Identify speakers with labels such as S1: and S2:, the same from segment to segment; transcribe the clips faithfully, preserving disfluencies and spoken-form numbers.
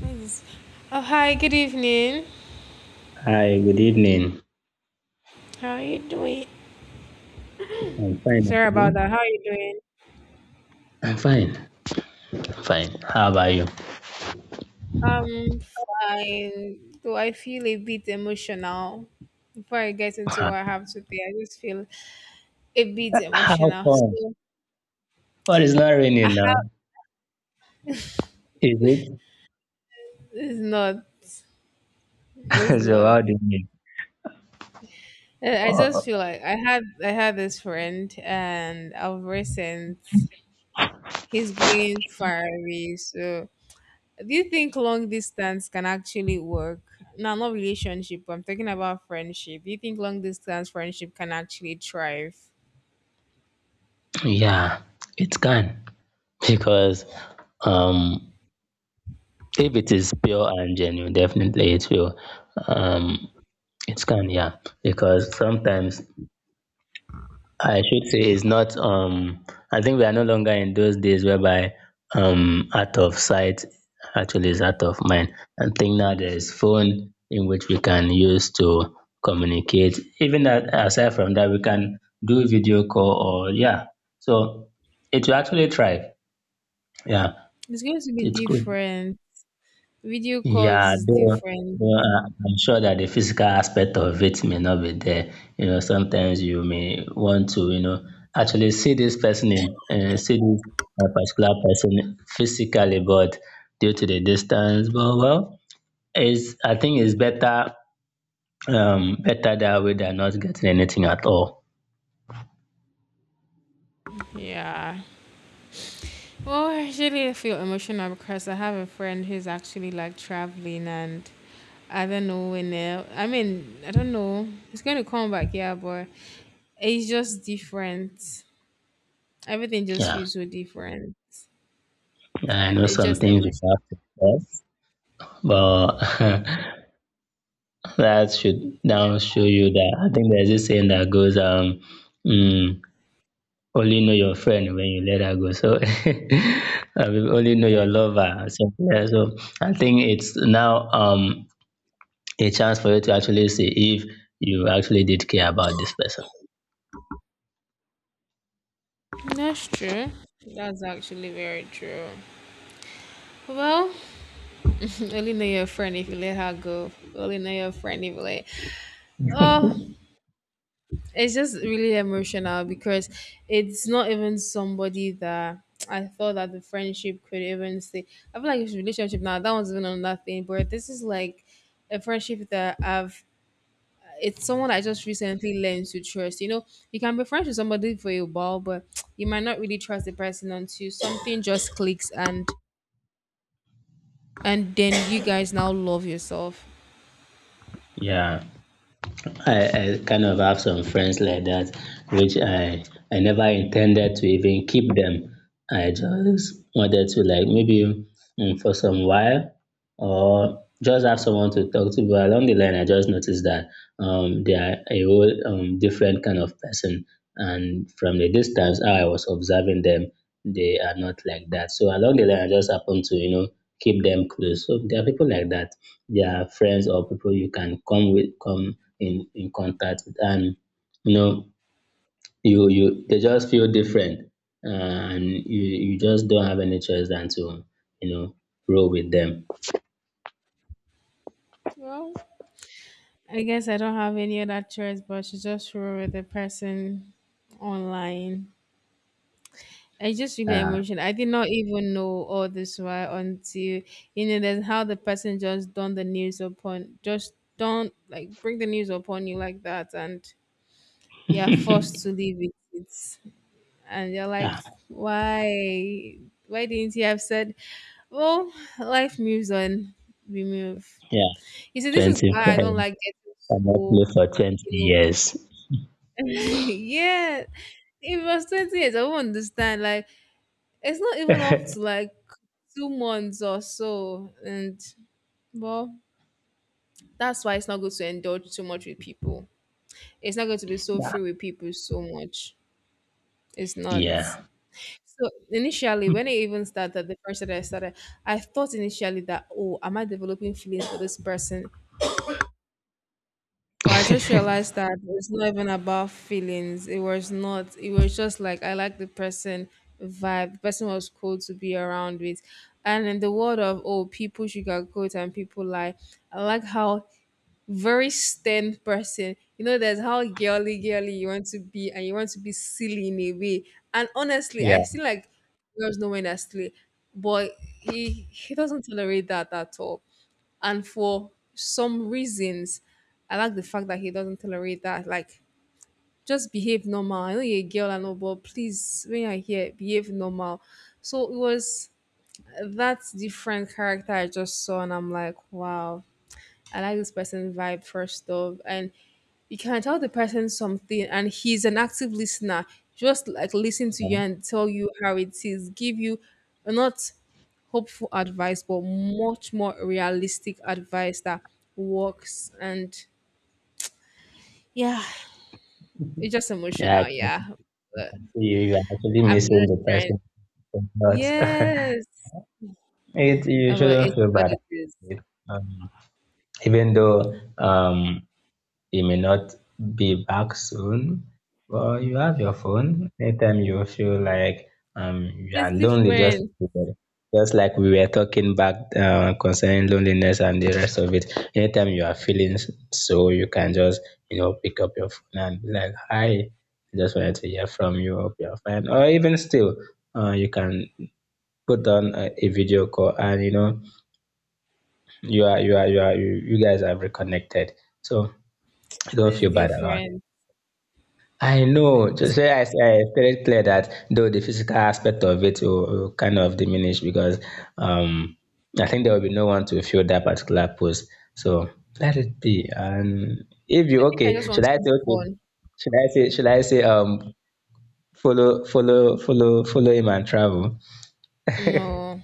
S1: Nice. Oh, hi, good evening.
S2: Hi, good evening.
S1: How are you doing?
S2: I'm fine. And
S1: Sorry about
S2: you?
S1: that. How are you doing?
S2: I'm fine. I'm fine. How about you?
S1: I'm fine. Though I feel a bit emotional. Before I get into
S2: Ah,
S1: what I have today, I just feel a bit
S2: how
S1: emotional.
S2: come?
S1: So
S2: What is not
S1: I
S2: raining now? Is it?
S1: it's not. It's
S2: So
S1: not.
S2: how do you mean?
S1: Uh, I just feel
S2: Oh,
S1: like I had I had this friend and of recent he's going far away, so do you think long distance can actually work? No, not relationship. I'm talking about friendship. Do you think long distance friendship can actually thrive?
S2: yeah, it can because um, if it is pure and genuine, definitely it will. Um, it can, yeah, because sometimes I should say it's not um I think we are no longer in those days whereby um out of sight actually is out of mind. I think now there's phone in which we can use to communicate. Even that aside from that we can do video call or yeah. So it will actually thrive. Yeah.
S1: It's going to be
S2: It could,
S1: different. Video calls
S2: yeah,
S1: is
S2: though,
S1: different.
S2: though uh, I'm sure that the physical aspect of it may not be there. You know, sometimes you may want to, you know, actually see this person in, uh, see this uh, particular person physically, but due to the distance, but well, it's I think it's better, um, better that way than not getting anything at all.
S1: Yeah. Well, I actually feel emotional because I have a friend who's actually like traveling and I don't know when. uh, I mean, I don't know. It's going to come back, yeah, but it's just different. Everything just
S2: Yeah,
S1: feels so different
S2: I know
S1: and it's
S2: some
S1: just
S2: things we
S1: emotional.
S2: have to test, but that should now show you that I think there's this saying that goes, um. Mm, only know your friend when you let her go. So I will only know your
S1: Yeah.
S2: lover. So, yeah, so I think it's now um a chance for you to actually see if you actually did care about this person.
S1: That's true. That's actually very true. Well, only know your friend if you let her go. Only know your friend if you let. Oh, it's just really emotional because it's not even somebody that I thought that the friendship could even stay. I feel like it's relationship now. That one's even another thing, but this is like a friendship that I've. It's someone I just recently learned to trust. You know, you can be friends with somebody for a while, but you might not really trust the person until something just clicks and and then you guys now love yourself.
S2: Yeah. I, I kind of have some friends like that, which I I never intended to even keep them. I just wanted to like maybe mm, for some while or just have someone to talk to. But along the line, I just noticed that um, they are a whole um, different kind of person, and from the distance how I was observing them, they are not like that. So along the line, I just happened to you know keep them close. So there are people like that. There are friends or people you can come with, come in in contact with and you know you you they just feel different, uh, and you you just don't have any choice than to you know roll with them.
S1: Well, I guess I don't have any other choice but to just roll with the person online. I just really
S2: Uh,
S1: emotional. I did not even know all this while until you know that's how the person just done the news upon just don't like bring the news upon you like that and you're forced to live with it. And you're like,
S2: yeah,
S1: why why didn't you have said, well, life moves on. We move.
S2: yeah.
S1: You see, this is
S2: Twenty
S1: why I don't
S2: friends
S1: like getting
S2: cannot play
S1: so,
S2: for twenty
S1: you know,
S2: years.
S1: yeah. If it was twenty years, I won't understand. Like, it's not even up to like two months or so. And, well, that's why it's not good to indulge too much with people. It's not going to be so free with people so much. It's not.
S2: Yeah,
S1: So, initially, when I even started, the first that I started, I thought initially that, oh, am I developing feelings for this person? But I just realized that it's not even about feelings. It was not. It was just like I like the person vibe. The person was cool to be around with. And in the world of oh, people sugarcoat and people lie. I like how very stern person. You know, there's how girly girly you want to be, and you want to be silly in a way. And honestly, I
S2: yeah,
S1: feel like girls know when they're silly, but he he doesn't tolerate that at all. And for some reasons, I like the fact that he doesn't tolerate that. Like, just behave normal. I know you're a girl and all, but please, when you're here, behave normal. So it was that different character I just saw, and I'm like, wow, I like this person vibe first off, and you can tell the person something, and he's an active listener. Just like listen to you and tell you how it is, give you well, not hopeful advice, but much more realistic advice that works. And yeah, it's just
S2: yeah. I
S1: emotional.
S2: can see
S1: Yeah,
S2: I
S1: but
S2: can see you you are actually
S1: I'm
S2: missing
S1: just
S2: the
S1: trying.
S2: person, but
S1: Yes,
S2: it you
S1: Uh, but
S2: shouldn't
S1: it's
S2: feel
S1: what
S2: bad about
S1: it is.
S2: it. Um, Even though um He may not be back soon, but you have your phone. Anytime you feel like um you are
S1: It's
S2: lonely, just
S1: different.
S2: like we were- just like we were talking back, uh, concerning loneliness and the rest of it. Anytime you are feeling s- so, you can just you know pick up your phone and be like, "Hi, I just wanted to hear from you. Hope you're fine." Or even still, uh, you can put on a, a video call and you know you are you are you are you, you guys have reconnected. So don't
S1: It's
S2: feel bad about.
S1: different.
S2: I know. So,
S1: It's,
S2: so I, I stated clear that though the physical aspect of it will, will kind of diminish because, um, I think there will be no one to fill that particular post. So let it be. And if you
S1: I think I just
S2: okay, should
S1: want to
S2: I
S1: move
S2: say okay?
S1: on.
S2: Should I say should I say um follow follow follow follow him and travel? you
S1: No,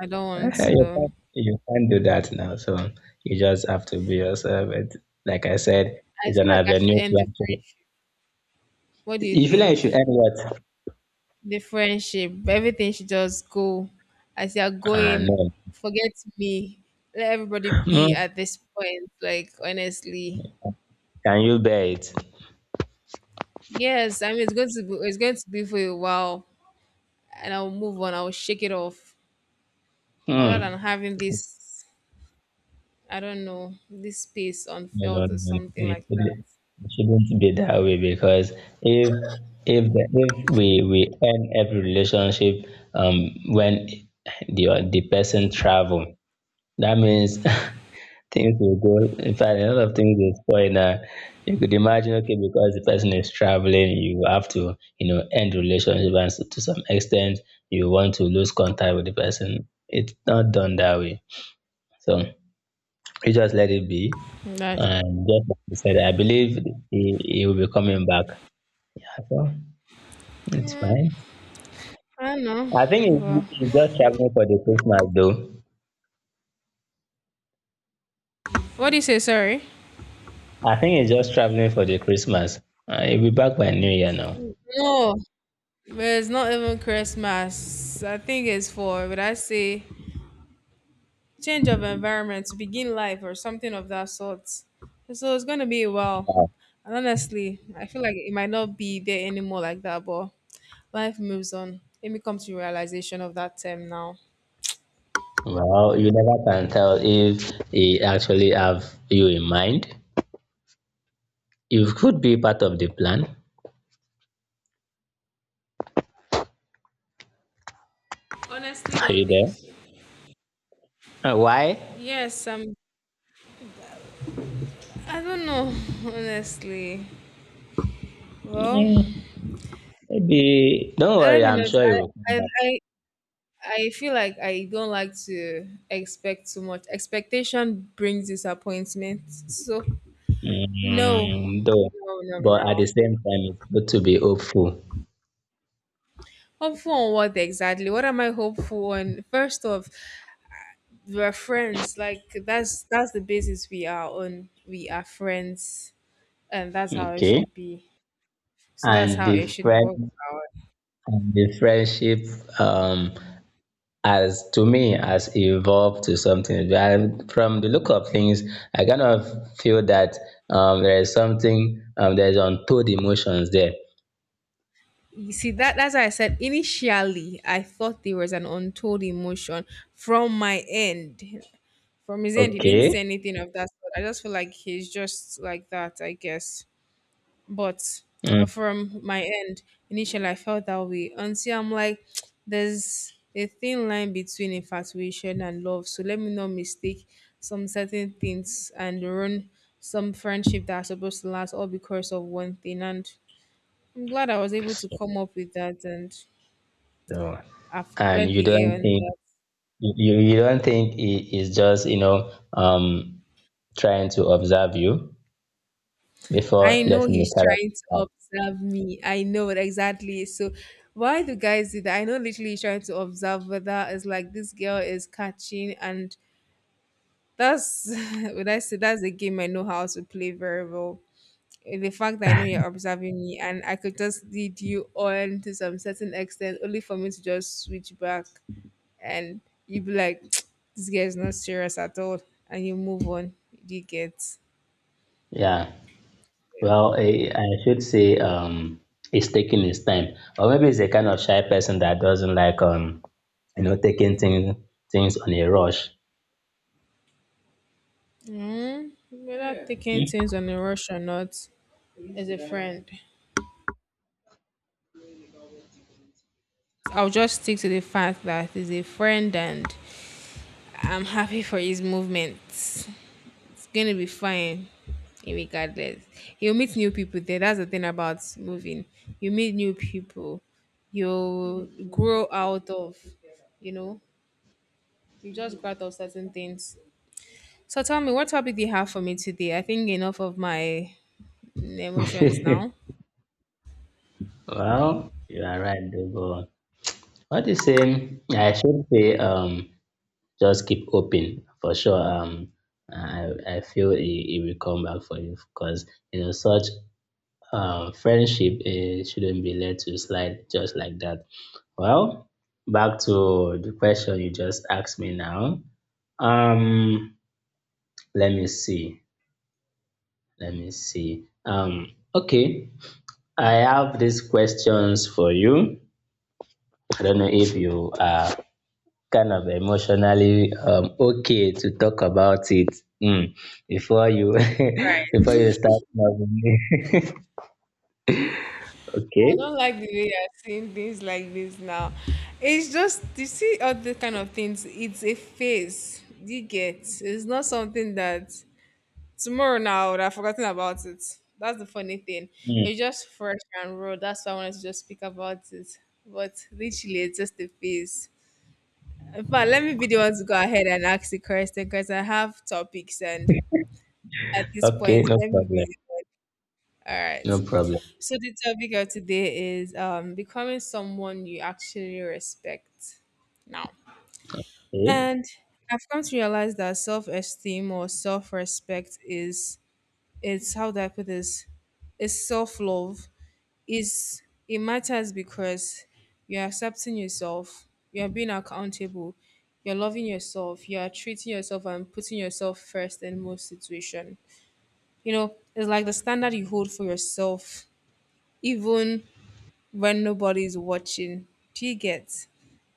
S1: I don't want
S2: can't
S1: to.
S2: you can't do that now. So you just have to be yourself. It, like I said,
S1: I
S2: it's
S1: feel
S2: an
S1: like I should
S2: avenue
S1: end
S2: to
S1: the
S2: actually.
S1: friendship. What do you
S2: You feel like you
S1: think?
S2: should end what?
S1: The friendship, everything should just go as you're
S2: Ah,
S1: going.
S2: no.
S1: Forget me. Let everybody
S2: Hmm.
S1: be at this point. Like honestly,
S2: Can you bear it?
S1: yes. I mean, it's going to be. It's going to be for a while, and I'll move on. I'll shake it off. Other
S2: Hmm.
S1: than having this, I don't know, this space
S2: No, no, no,
S1: unfelt or
S2: no.
S1: something
S2: It
S1: like that.
S2: shouldn't, it shouldn't be that way because if if the, if we we end every relationship um when the the person travel, that means things will go. In fact, a lot of things will spoil. Now you could imagine, okay, because the person is traveling, you have to you know end relationship, and so to some extent, you want to lose contact with the person. It's not done that way, so you just let it be.
S1: That.
S2: And just like you said, I believe he, he will be coming back. So it's
S1: Yeah,
S2: fine.
S1: I don't know.
S2: I think he-
S1: Well,
S2: he's just traveling for the Christmas, though.
S1: what do you say? Sorry.
S2: I think he's just traveling for the Christmas. Uh, he'll be back by New Year now.
S1: No. But it's not even Christmas. I think it's for, would I say, change of environment to begin life or something of that sort. So it's going to be a while.
S2: Wow.
S1: And honestly, I feel like it might not be there anymore like that, but life moves on. Let me come to realization of that term now.
S2: Well, you never can tell if he actually have you in mind. You could be part of the plan.
S1: Honestly,
S2: Are
S1: don't think
S2: you
S1: so.
S2: there? Uh, why?
S1: Yes, um, I don't know, honestly. Well,
S2: Mm, Maybe. Don't
S1: let
S2: worry.
S1: me know.
S2: I'm sure he will come
S1: I, I,
S2: back.
S1: I, I feel like I don't like to expect too much. Expectation brings disappointment. So no,
S2: Mm, though,
S1: no, no,
S2: but at
S1: no.
S2: the same time, it's good to be hopeful.
S1: Hopeful on what exactly? What am I hopeful on? First off, we are friends. Like that's that's the basis we are on. We are friends, and that's how it
S2: Okay.
S1: should be. So that's
S2: And
S1: how
S2: the
S1: it should work
S2: friend
S1: out.
S2: and the friendship um as to me, has evolved to something. And from the look of things, I kind of feel that um there is something, um there's untold emotions there.
S1: You see that that's why I said initially I thought there was an untold emotion from my end. From his end, he didn't
S2: Okay.
S1: say anything of that sort. I just feel like he's just like that, I guess. But uh,
S2: Mm.
S1: from my end, initially I felt that way until I'm like, there's a thin line between infatuation and love. So let me not mistake some certain things and ruin some friendship that's supposed to last all because of one thing. And I'm glad I was able to come up with that and
S2: So,
S1: I've
S2: and
S1: cleared
S2: you
S1: the air
S2: don't
S1: on
S2: think
S1: that.
S2: you, you you don't think he is just, you know, um trying to observe you before
S1: I know
S2: letting the
S1: he's
S2: character
S1: trying
S2: out
S1: to
S2: of
S1: observe me. I know it exactly. So why do guys do that? I know literally he's trying to observe whether it's like this girl is catching and that's when I say that's a game I know how to play very well. The fact that
S2: the
S1: I know
S2: bag.
S1: you're observing me and I could just lead you on to some certain extent only for me to just switch back and you'd be like, this girl is not serious at all and you move on. You get
S2: Yeah. Well, I, I should say, um, it's taking its time, or maybe it's a kind of shy person that doesn't like, um, you know, taking things things on a rush.
S1: mm, whether yeah, taking things on a rush or not is a friend. I'll just stick to the fact that he's a friend and I'm happy for his movements. It's gonna be fine regardless. You'll meet new people there. That's the thing about moving. You meet new people, you grow out of, you know, you just grow out of certain things. So tell me, what topic do you have for me today? I think enough of my emotions now. All
S2: Well, you are right, though. But what the same, I should say, um, just keep open for sure. Um, I I feel it, it will come back for you because you know such um friendship, eh, shouldn't be let to slide just like that. Well, back to the question you just asked me now. Um, Let me see. Let me see. Um, okay. I have these questions for you. I don't know if you are kind of emotionally, um, okay to talk about it, mm, before you
S1: right.
S2: before you start loving me.
S1: I
S2: Okay.
S1: don't like the way you're saying things like this now. It's just you see all the kind of things. It's a phase. You get. It's not something that tomorrow now I would have forgotten about it. That's the funny thing.
S2: Mm,
S1: It's just fresh and raw. That's why I wanted to just speak about it. But literally, it's just a phase. In fact, let me be the one to go ahead and ask the question because I have topics and at this
S2: okay.
S1: point,
S2: No
S1: let me
S2: problem.
S1: be the one. All
S2: No
S1: right.
S2: problem.
S1: So the topic of today is um, becoming someone you actually respect now.
S2: Okay.
S1: And I've come to realize that self-esteem or self-respect is it's how do I put this? It's self-love. Is it matters because you're accepting yourself, you're being accountable, you're loving yourself, you're treating yourself and putting yourself first in most situations. You know, it's like the standard you hold for yourself, even when nobody's watching. Do you get?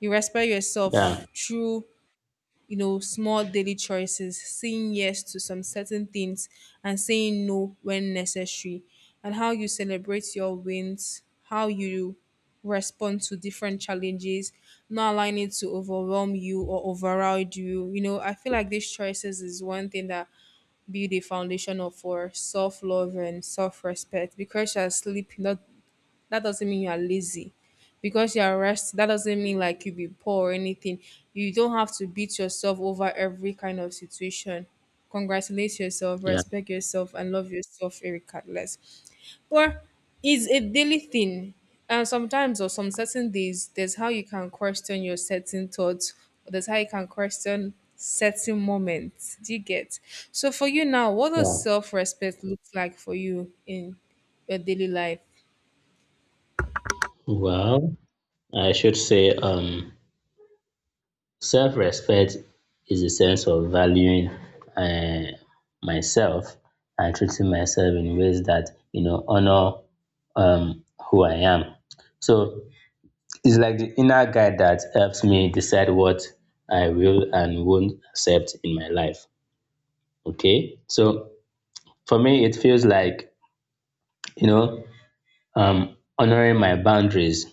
S1: You respect yourself
S2: Yeah,
S1: through, you know, small daily choices, saying yes to some certain things and saying no when necessary, and how you celebrate your wins, how you respond to different challenges, not allowing it to overwhelm you or override you. You know, I feel like these choices is one thing that build a foundation of for self love and self respect because you are sleeping, not that doesn't mean you are lazy because you are rest that doesn't mean like you be poor or anything. You don't have to beat yourself over every kind of situation. Congratulate yourself,
S2: yeah,
S1: respect yourself and love yourself regardless. But it's a daily thing and sometimes or some certain days there's how you can question your certain thoughts or there's how you can question certain moments. Do you get? So for you now, what does
S2: yeah.
S1: self-respect look like for you in your daily life?
S2: Well, I should say, um, self-respect is a sense of valuing, uh, myself and treating myself in ways that you know honor um, who I am. So it's like the inner guide that helps me decide what I will and won't accept in my life. Okay, so for me, it feels like, you know um, honoring my boundaries,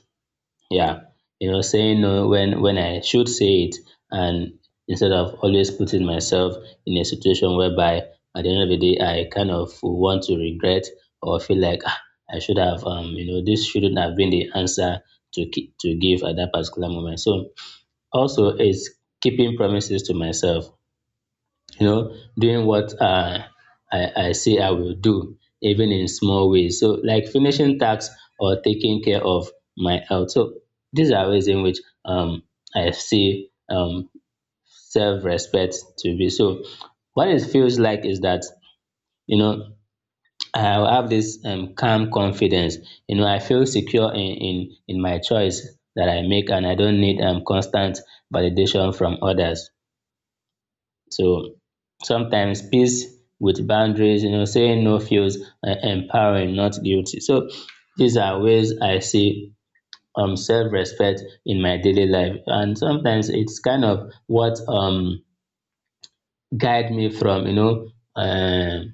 S2: yeah, you know saying no when when i should say it, and instead of always putting myself in a situation whereby at the end of the day I kind of want to regret or feel like, "Ah, I should have, um you know this shouldn't have been the answer to ki- to give at that particular moment." So also is keeping promises to myself, you know, doing what, uh, I, I say I will do, even in small ways. So, like finishing tasks or taking care of my health. So, these are ways in which, um, I see, um, self respect to be. So, what it feels like is that, you know, I'll have this, um, calm confidence. You know, I feel secure in, in, in my choice that I make, and I don't need, um, constant validation from others. So sometimes peace with boundaries, you know, saying no feels, uh, empowering, not guilty. So these are ways I see um self-respect in my daily life, and sometimes it's kind of what um guide me from, you know uh,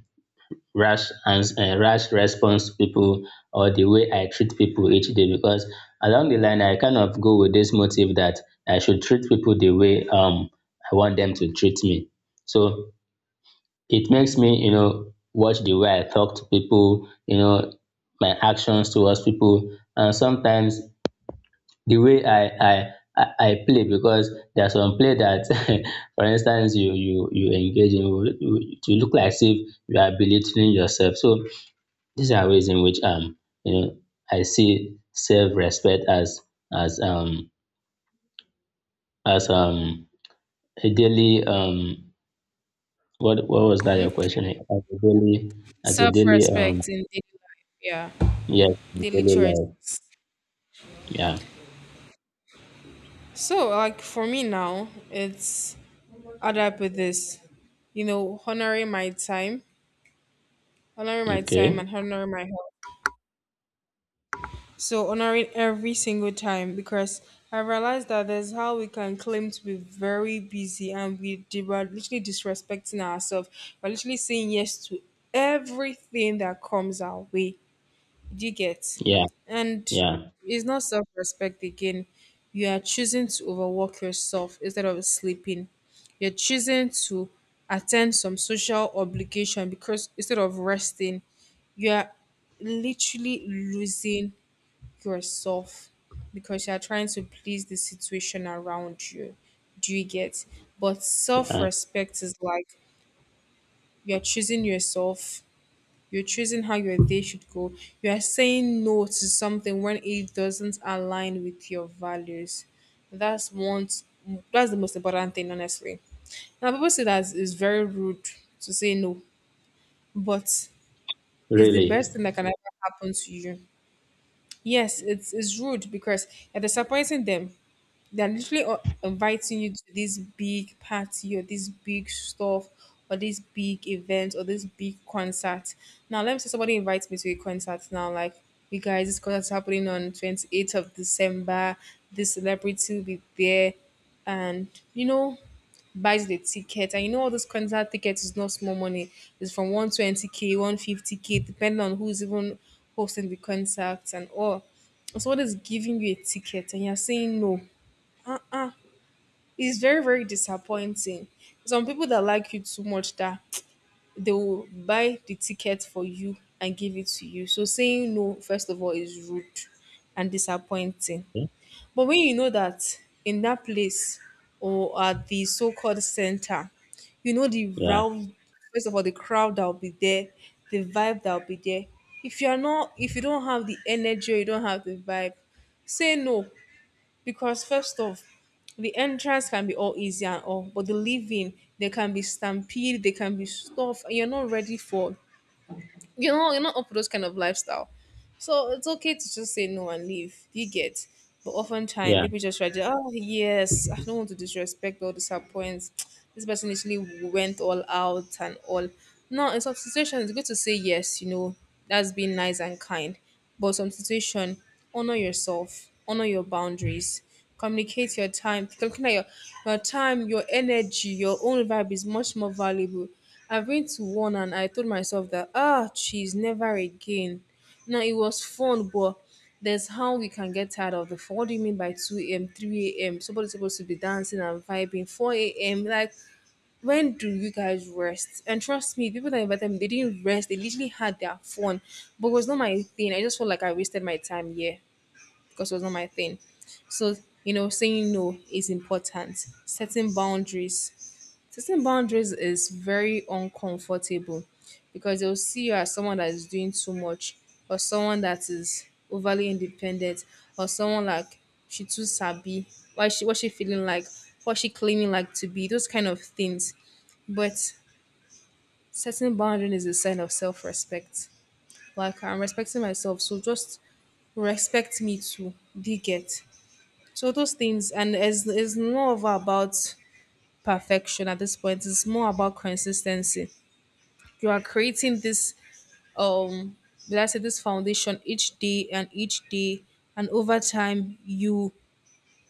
S2: rash and, uh, rash response to people or the way I treat people each day because along the line I kind of go with this motive that I should treat people the way, um I want them to treat me. So it makes me, you know, watch the way I talk to people, you know, my actions towards people, and sometimes the way I I I I play because there's some play that, for instance, you you you engage in, you, you look like as if you are belittling yourself. So these are ways in which, um you know I see self respect as as um as um a daily, um what what was that your question, as a daily, as a daily um
S1: Self-respect in daily life, yeah,
S2: yes, in
S1: daily
S2: daily
S1: choices.
S2: life. Yeah.
S1: So like for me now it's add up with this, you know, honoring my time, honoring my time
S2: Okay.
S1: and honoring my health. So honoring every single time because I realized that there's how we can claim to be very busy and we di- we're literally disrespecting ourselves. We're literally saying yes to everything that comes our way. Do you get?
S2: Yeah.
S1: And
S2: Yeah.
S1: it's not self respect again. You are choosing to overwork yourself instead of sleeping. You're choosing to attend some social obligation because instead of resting, you are literally losing yourself because you are trying to please the situation around you. Do you get? But self
S2: Yeah.
S1: respect is like you're choosing yourself, you're choosing how your day should go. You are saying no to something when it doesn't align with your values. That's one. That's the most important thing, honestly. Now people say that it's very rude to say no, but it's the
S2: Really.
S1: best thing that can ever happen to you. Yes, it's it's rude because you're disappointing them. They're literally uh, inviting you to this big party or this big stuff or this big event or this big concert. Now, let me say somebody invites me to a concert now, like, you guys, this concert's happening on twenty-eighth of December. This celebrity will be there. And, you know, buys the ticket, and you know all those concert tickets is not small money. It's from one twenty k, one fifty k depending on who's even hosting the concert and all. So what is giving you a ticket and you're saying no? Uh-uh. It's very very disappointing. Some people that like you too much that they will buy the ticket for you and give it to you. So saying no, first of all, is rude and disappointing. But when you know that in that place or at the so-called center, you know, the
S2: Yeah.
S1: round, first of all, the crowd that will be there, the vibe that will be there, if you are not, if you don't have the energy or you don't have the vibe, say no. Because first off, the entrance can be all easy and all, but the leaving, there can be stampede, there can be stuff, and you're not ready for, you know, you're not up for those kind of lifestyle. So it's okay to just say no and leave. You get. But oftentimes
S2: Yeah.
S1: people just try to, oh yes, I don't want to disrespect or disappoint. This person literally went all out and all. No, in some situations it's good to say yes, you know, that's being nice and kind. But some situation, honor yourself, honor your boundaries, communicate your time. Calculate your your time, your energy, your own vibe is much more valuable. I've been to one and I told myself that ah, she's never again. Now it was fun, but there's how we can get tired of the fun. What do you mean by two a m, three a m? Somebody's supposed to be dancing and vibing, four a m. Like, when do you guys rest? And trust me, people that invited me, they didn't rest. They literally had their fun, but it was not my thing. I just felt like I wasted my time here because it was not my thing. So, you know, saying no is important, setting boundaries. Setting boundaries is very uncomfortable because they'll see you as someone that is doing too much or someone that is overly independent or someone like she too sabi. Why she, what she feeling like, what she claiming like to be, those kind of things. But setting boundaries is a sign of self-respect. Like I'm respecting myself, so just respect me too. Do you get? So those things, and it's, it's not over about perfection at this point. It's more about consistency. You are creating this um will I say this foundation each day and each day, and over time you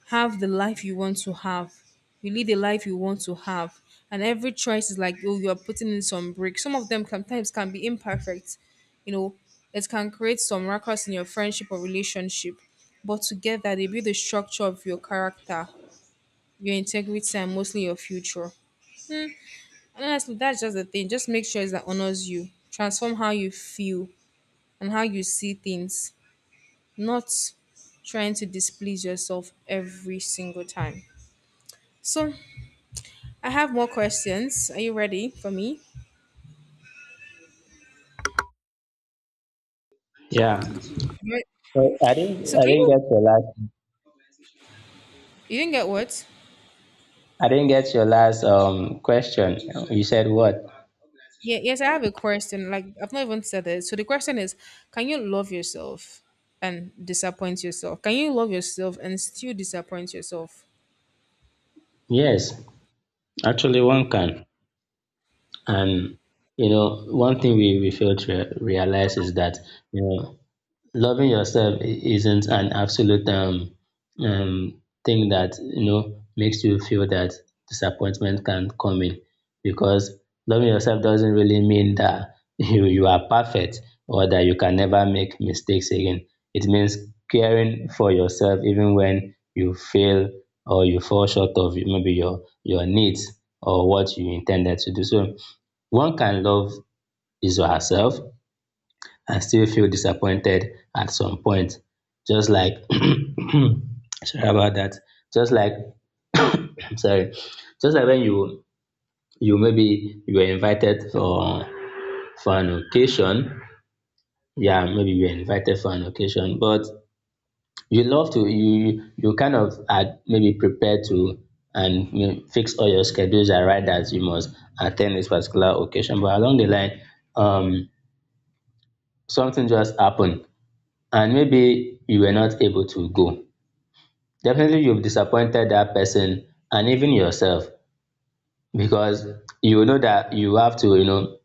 S1: have the life you want to have. You lead the life you want to have. And every choice is like oh you are putting in some break. Some of them sometimes can be imperfect. You know, it can create some ruckus in your friendship or relationship. But together they build the structure of your character, your integrity and mostly your future. And honestly, that's just the thing. Just make sure it's that honors you. Transform how you feel and how you see things, not trying to displease yourself every single time. So I have more questions. Are you ready for me?
S2: Yeah.
S1: Right.
S2: So I didn't.
S1: So
S2: I
S1: can
S2: didn't
S1: you,
S2: get your last.
S1: you didn't get what?
S2: I didn't get your last um question. You said what?
S1: Yeah, yes, I have a question. Like I've not even said it. So the question is, can you love yourself and disappoint yourself? Can you love yourself and still disappoint yourself?
S2: Yes. Actually, one can. And, you know, one thing we we fail to re- realize is that you know loving yourself i- isn't an absolute, um, um, thing that you know makes you feel that disappointment can come in because loving yourself doesn't really mean that you, you are perfect or that you can never make mistakes again. It means caring for yourself even when you fail or you fall short of maybe your your needs or what you intended to do. So one can love is yourself and still feel disappointed at some point. Just like, sorry about that. Just like, I'm sorry, just like when you you maybe you were invited for for an occasion. Yeah, maybe you were invited for an occasion, but you love to you you kind of are maybe prepared to, and you know, fix all your schedules and write that you must attend this particular occasion. But along the line, um, something just happened, and maybe you were not able to go. Definitely you've disappointed that person and even yourself, because you know that you have to, you know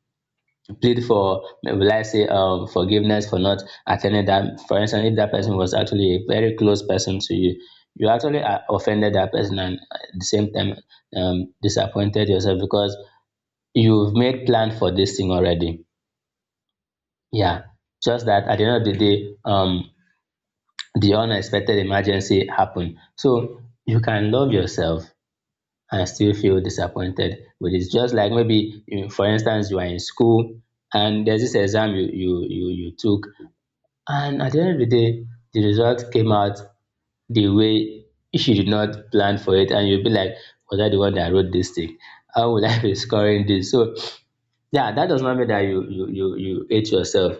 S2: plead for, will I say, um forgiveness for not attending that. For instance, if that person was actually a very close person to you, you actually uh, offended that person, and at the same time um disappointed yourself, because you've made plan for this thing already. Yeah. Just that at the end of the day, um the unexpected emergency happen. So you can love yourself and still feel disappointed with it. Just like maybe, you, for instance, you are in school and there's this exam you, you you you took, and at the end of the day, the result came out the way you did not plan for it, and you'll be like, "Was I the one that wrote this thing? How would I be scoring this?" So yeah, that does not mean that you you you you hate yourself.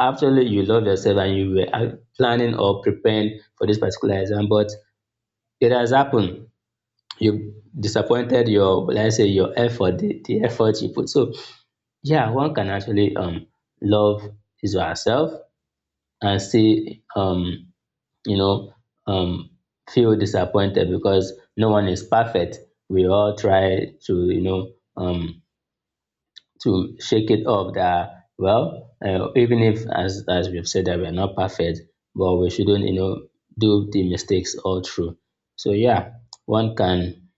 S2: Absolutely, you love yourself and you were uh, planning or preparing for this particular exam, but it has happened. You disappointed your, let's say, your effort, the, the effort you put. So, yeah, one can actually um love his or herself and still um you know um feel disappointed, because no one is perfect. We all try to you know um to shake it off, that well, uh, even if, as as we've said, that we are not perfect, but we shouldn't you know do the mistakes all through. So yeah, one can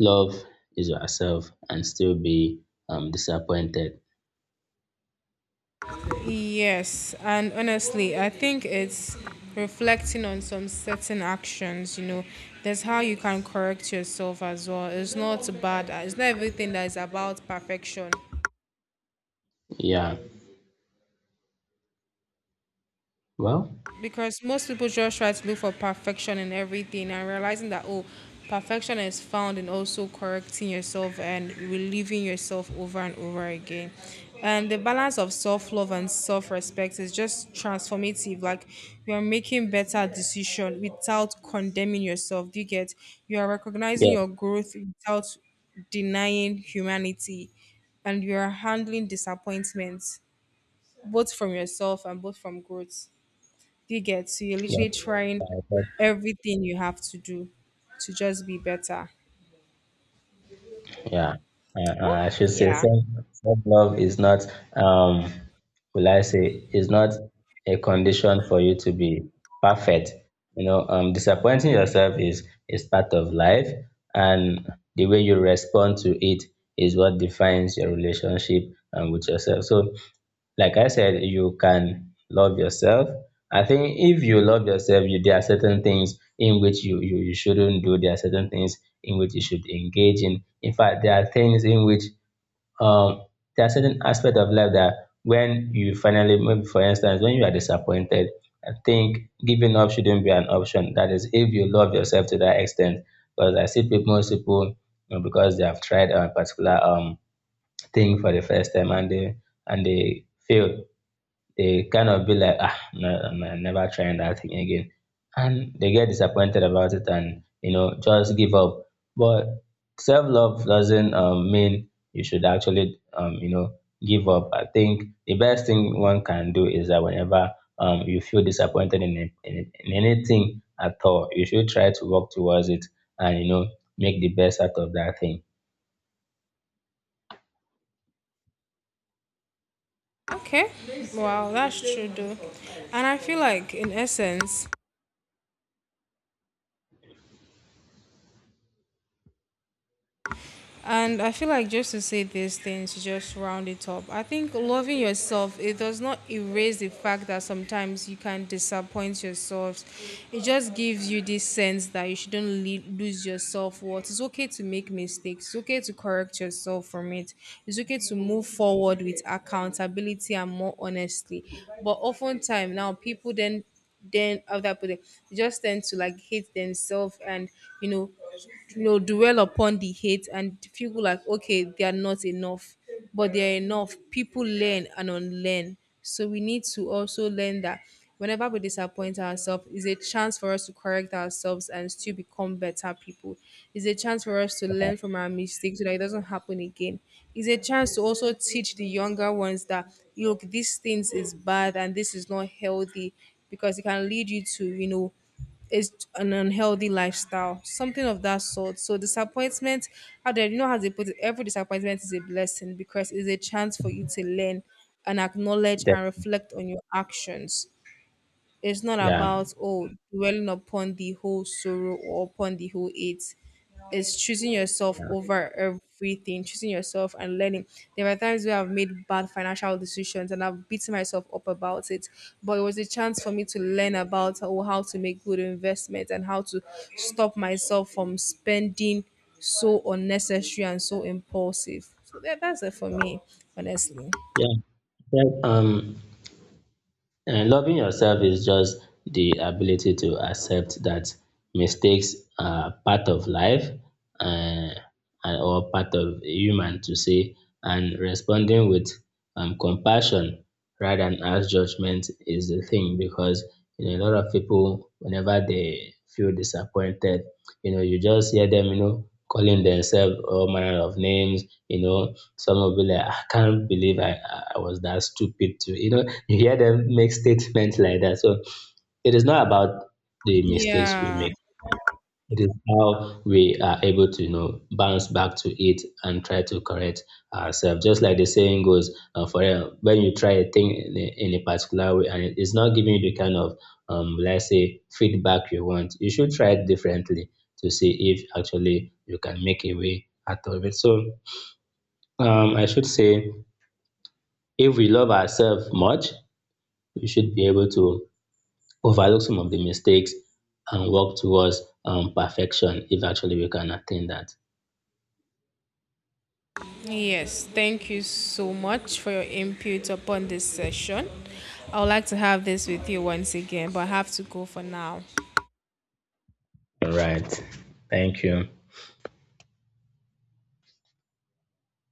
S2: love is yourself and still be um disappointed.
S1: Yes, and honestly, I think it's reflecting on some certain actions, you know. That's how you can correct yourself as well. It's not bad. It's not everything that is about perfection.
S2: Yeah. Well,
S1: Because most people just try to look for perfection in everything and realizing that oh, perfection is found in also correcting yourself and relieving yourself over and over again. And the balance of self-love and self-respect is just transformative. Like you are making better decision without condemning yourself, do you get? You are recognizing
S2: yeah,
S1: your growth without denying humanity, and you are handling disappointments both from yourself and both from growth. Do you get? So you're
S2: yeah,
S1: literally trying
S2: okay.
S1: everything you have to do to just be better.
S2: Yeah. Uh, uh,
S1: Oh,
S2: I should say
S1: yeah.
S2: self self love is not, um will I say, is not a condition for you to be perfect. You know, um disappointing yourself is is part of life, and the way you respond to it is what defines your relationship, um, with yourself. So like I said, you can love yourself. I think if you love yourself, you there are certain things in which you, you you shouldn't do. There are certain things in which you should engage in. In fact, there are things in which um there are certain aspects of life that when you finally, maybe for instance, when you are disappointed, I think giving up shouldn't be an option, that is if you love yourself to that extent. Because I see people, most people, you know, because they have tried a particular um thing for the first time, and they and they fail, they kind of be like, ah, no, I'm I'm never trying that thing again. And they get disappointed about it and, you know, just give up. But self love doesn't um, mean you should actually, um, you know, give up. I think the best thing one can do is that whenever um, you feel disappointed in, a- in, a- in anything at all, you should try to work towards it and, you know, make the best out of that thing.
S1: Okay. Wow, that's true though. And I feel like in essence, and I feel like just to say these things, to just round it up. I think loving yourself, it does not erase the fact that sometimes you can disappoint yourself. It just gives you this sense that you shouldn't le- lose your self worth. It's okay to make mistakes. It's okay to correct yourself from it. It's okay to move forward with accountability and more honestly. But oftentimes now, people then then of that put they just tend to like hate themselves, and you know you know dwell upon the hate and feel like okay they are not enough. But they are enough. People learn and unlearn, so we need to also learn that whenever we disappoint ourselves is a chance for us to correct ourselves and still become better people. Is a chance for us to
S2: Uh-huh.
S1: learn from our mistakes so that it doesn't happen again. Is a chance to also teach the younger ones that look, these things is bad and this is not healthy because it can lead you to, you know, is an unhealthy lifestyle, something of that sort. So disappointment, how they, you know, how they put it, every disappointment is a blessing because it's a chance for you to learn and acknowledge and reflect on your actions. It's not
S2: Yeah.
S1: about oh dwelling upon the whole sorrow or upon the whole it. It's choosing yourself
S2: Yeah.
S1: over everything, choosing yourself and learning. There are times where I've made bad financial decisions and I've beaten myself up about it. But it was a chance for me to learn about oh, how to make good investments and how to stop myself from spending so unnecessary and so impulsive. So that, that's it for me, honestly.
S2: Yeah. Yeah. Right. Um, And loving yourself is just the ability to accept that mistakes are part of life, um and or part of a human to say, and responding with um compassion rather than harsh judgment is the thing. Because, you know a lot of people, whenever they feel disappointed, you know you just hear them you know calling themselves all manner of names. You know some will be like, "I can't believe I I I was that stupid to, you know You hear them make statements like that. So it is not about the mistakes we
S1: Yeah.
S2: make. It is how we are able to, you know, bounce back to it and try to correct ourselves. Just like the saying goes, uh, for uh, when you try a thing in a, in a particular way, and it is not giving you the kind of, um, let's say, feedback you want, you should try it differently to see if actually you can make a way out of it. So, um, I should say, if we love ourselves much, we should be able to overlook some of the mistakes and work towards, um, perfection, if actually we can attain that.
S1: Yes, thank you so much for your input upon this session. I would like to have this with you once again, but I have to go for now.
S2: All right. Thank you.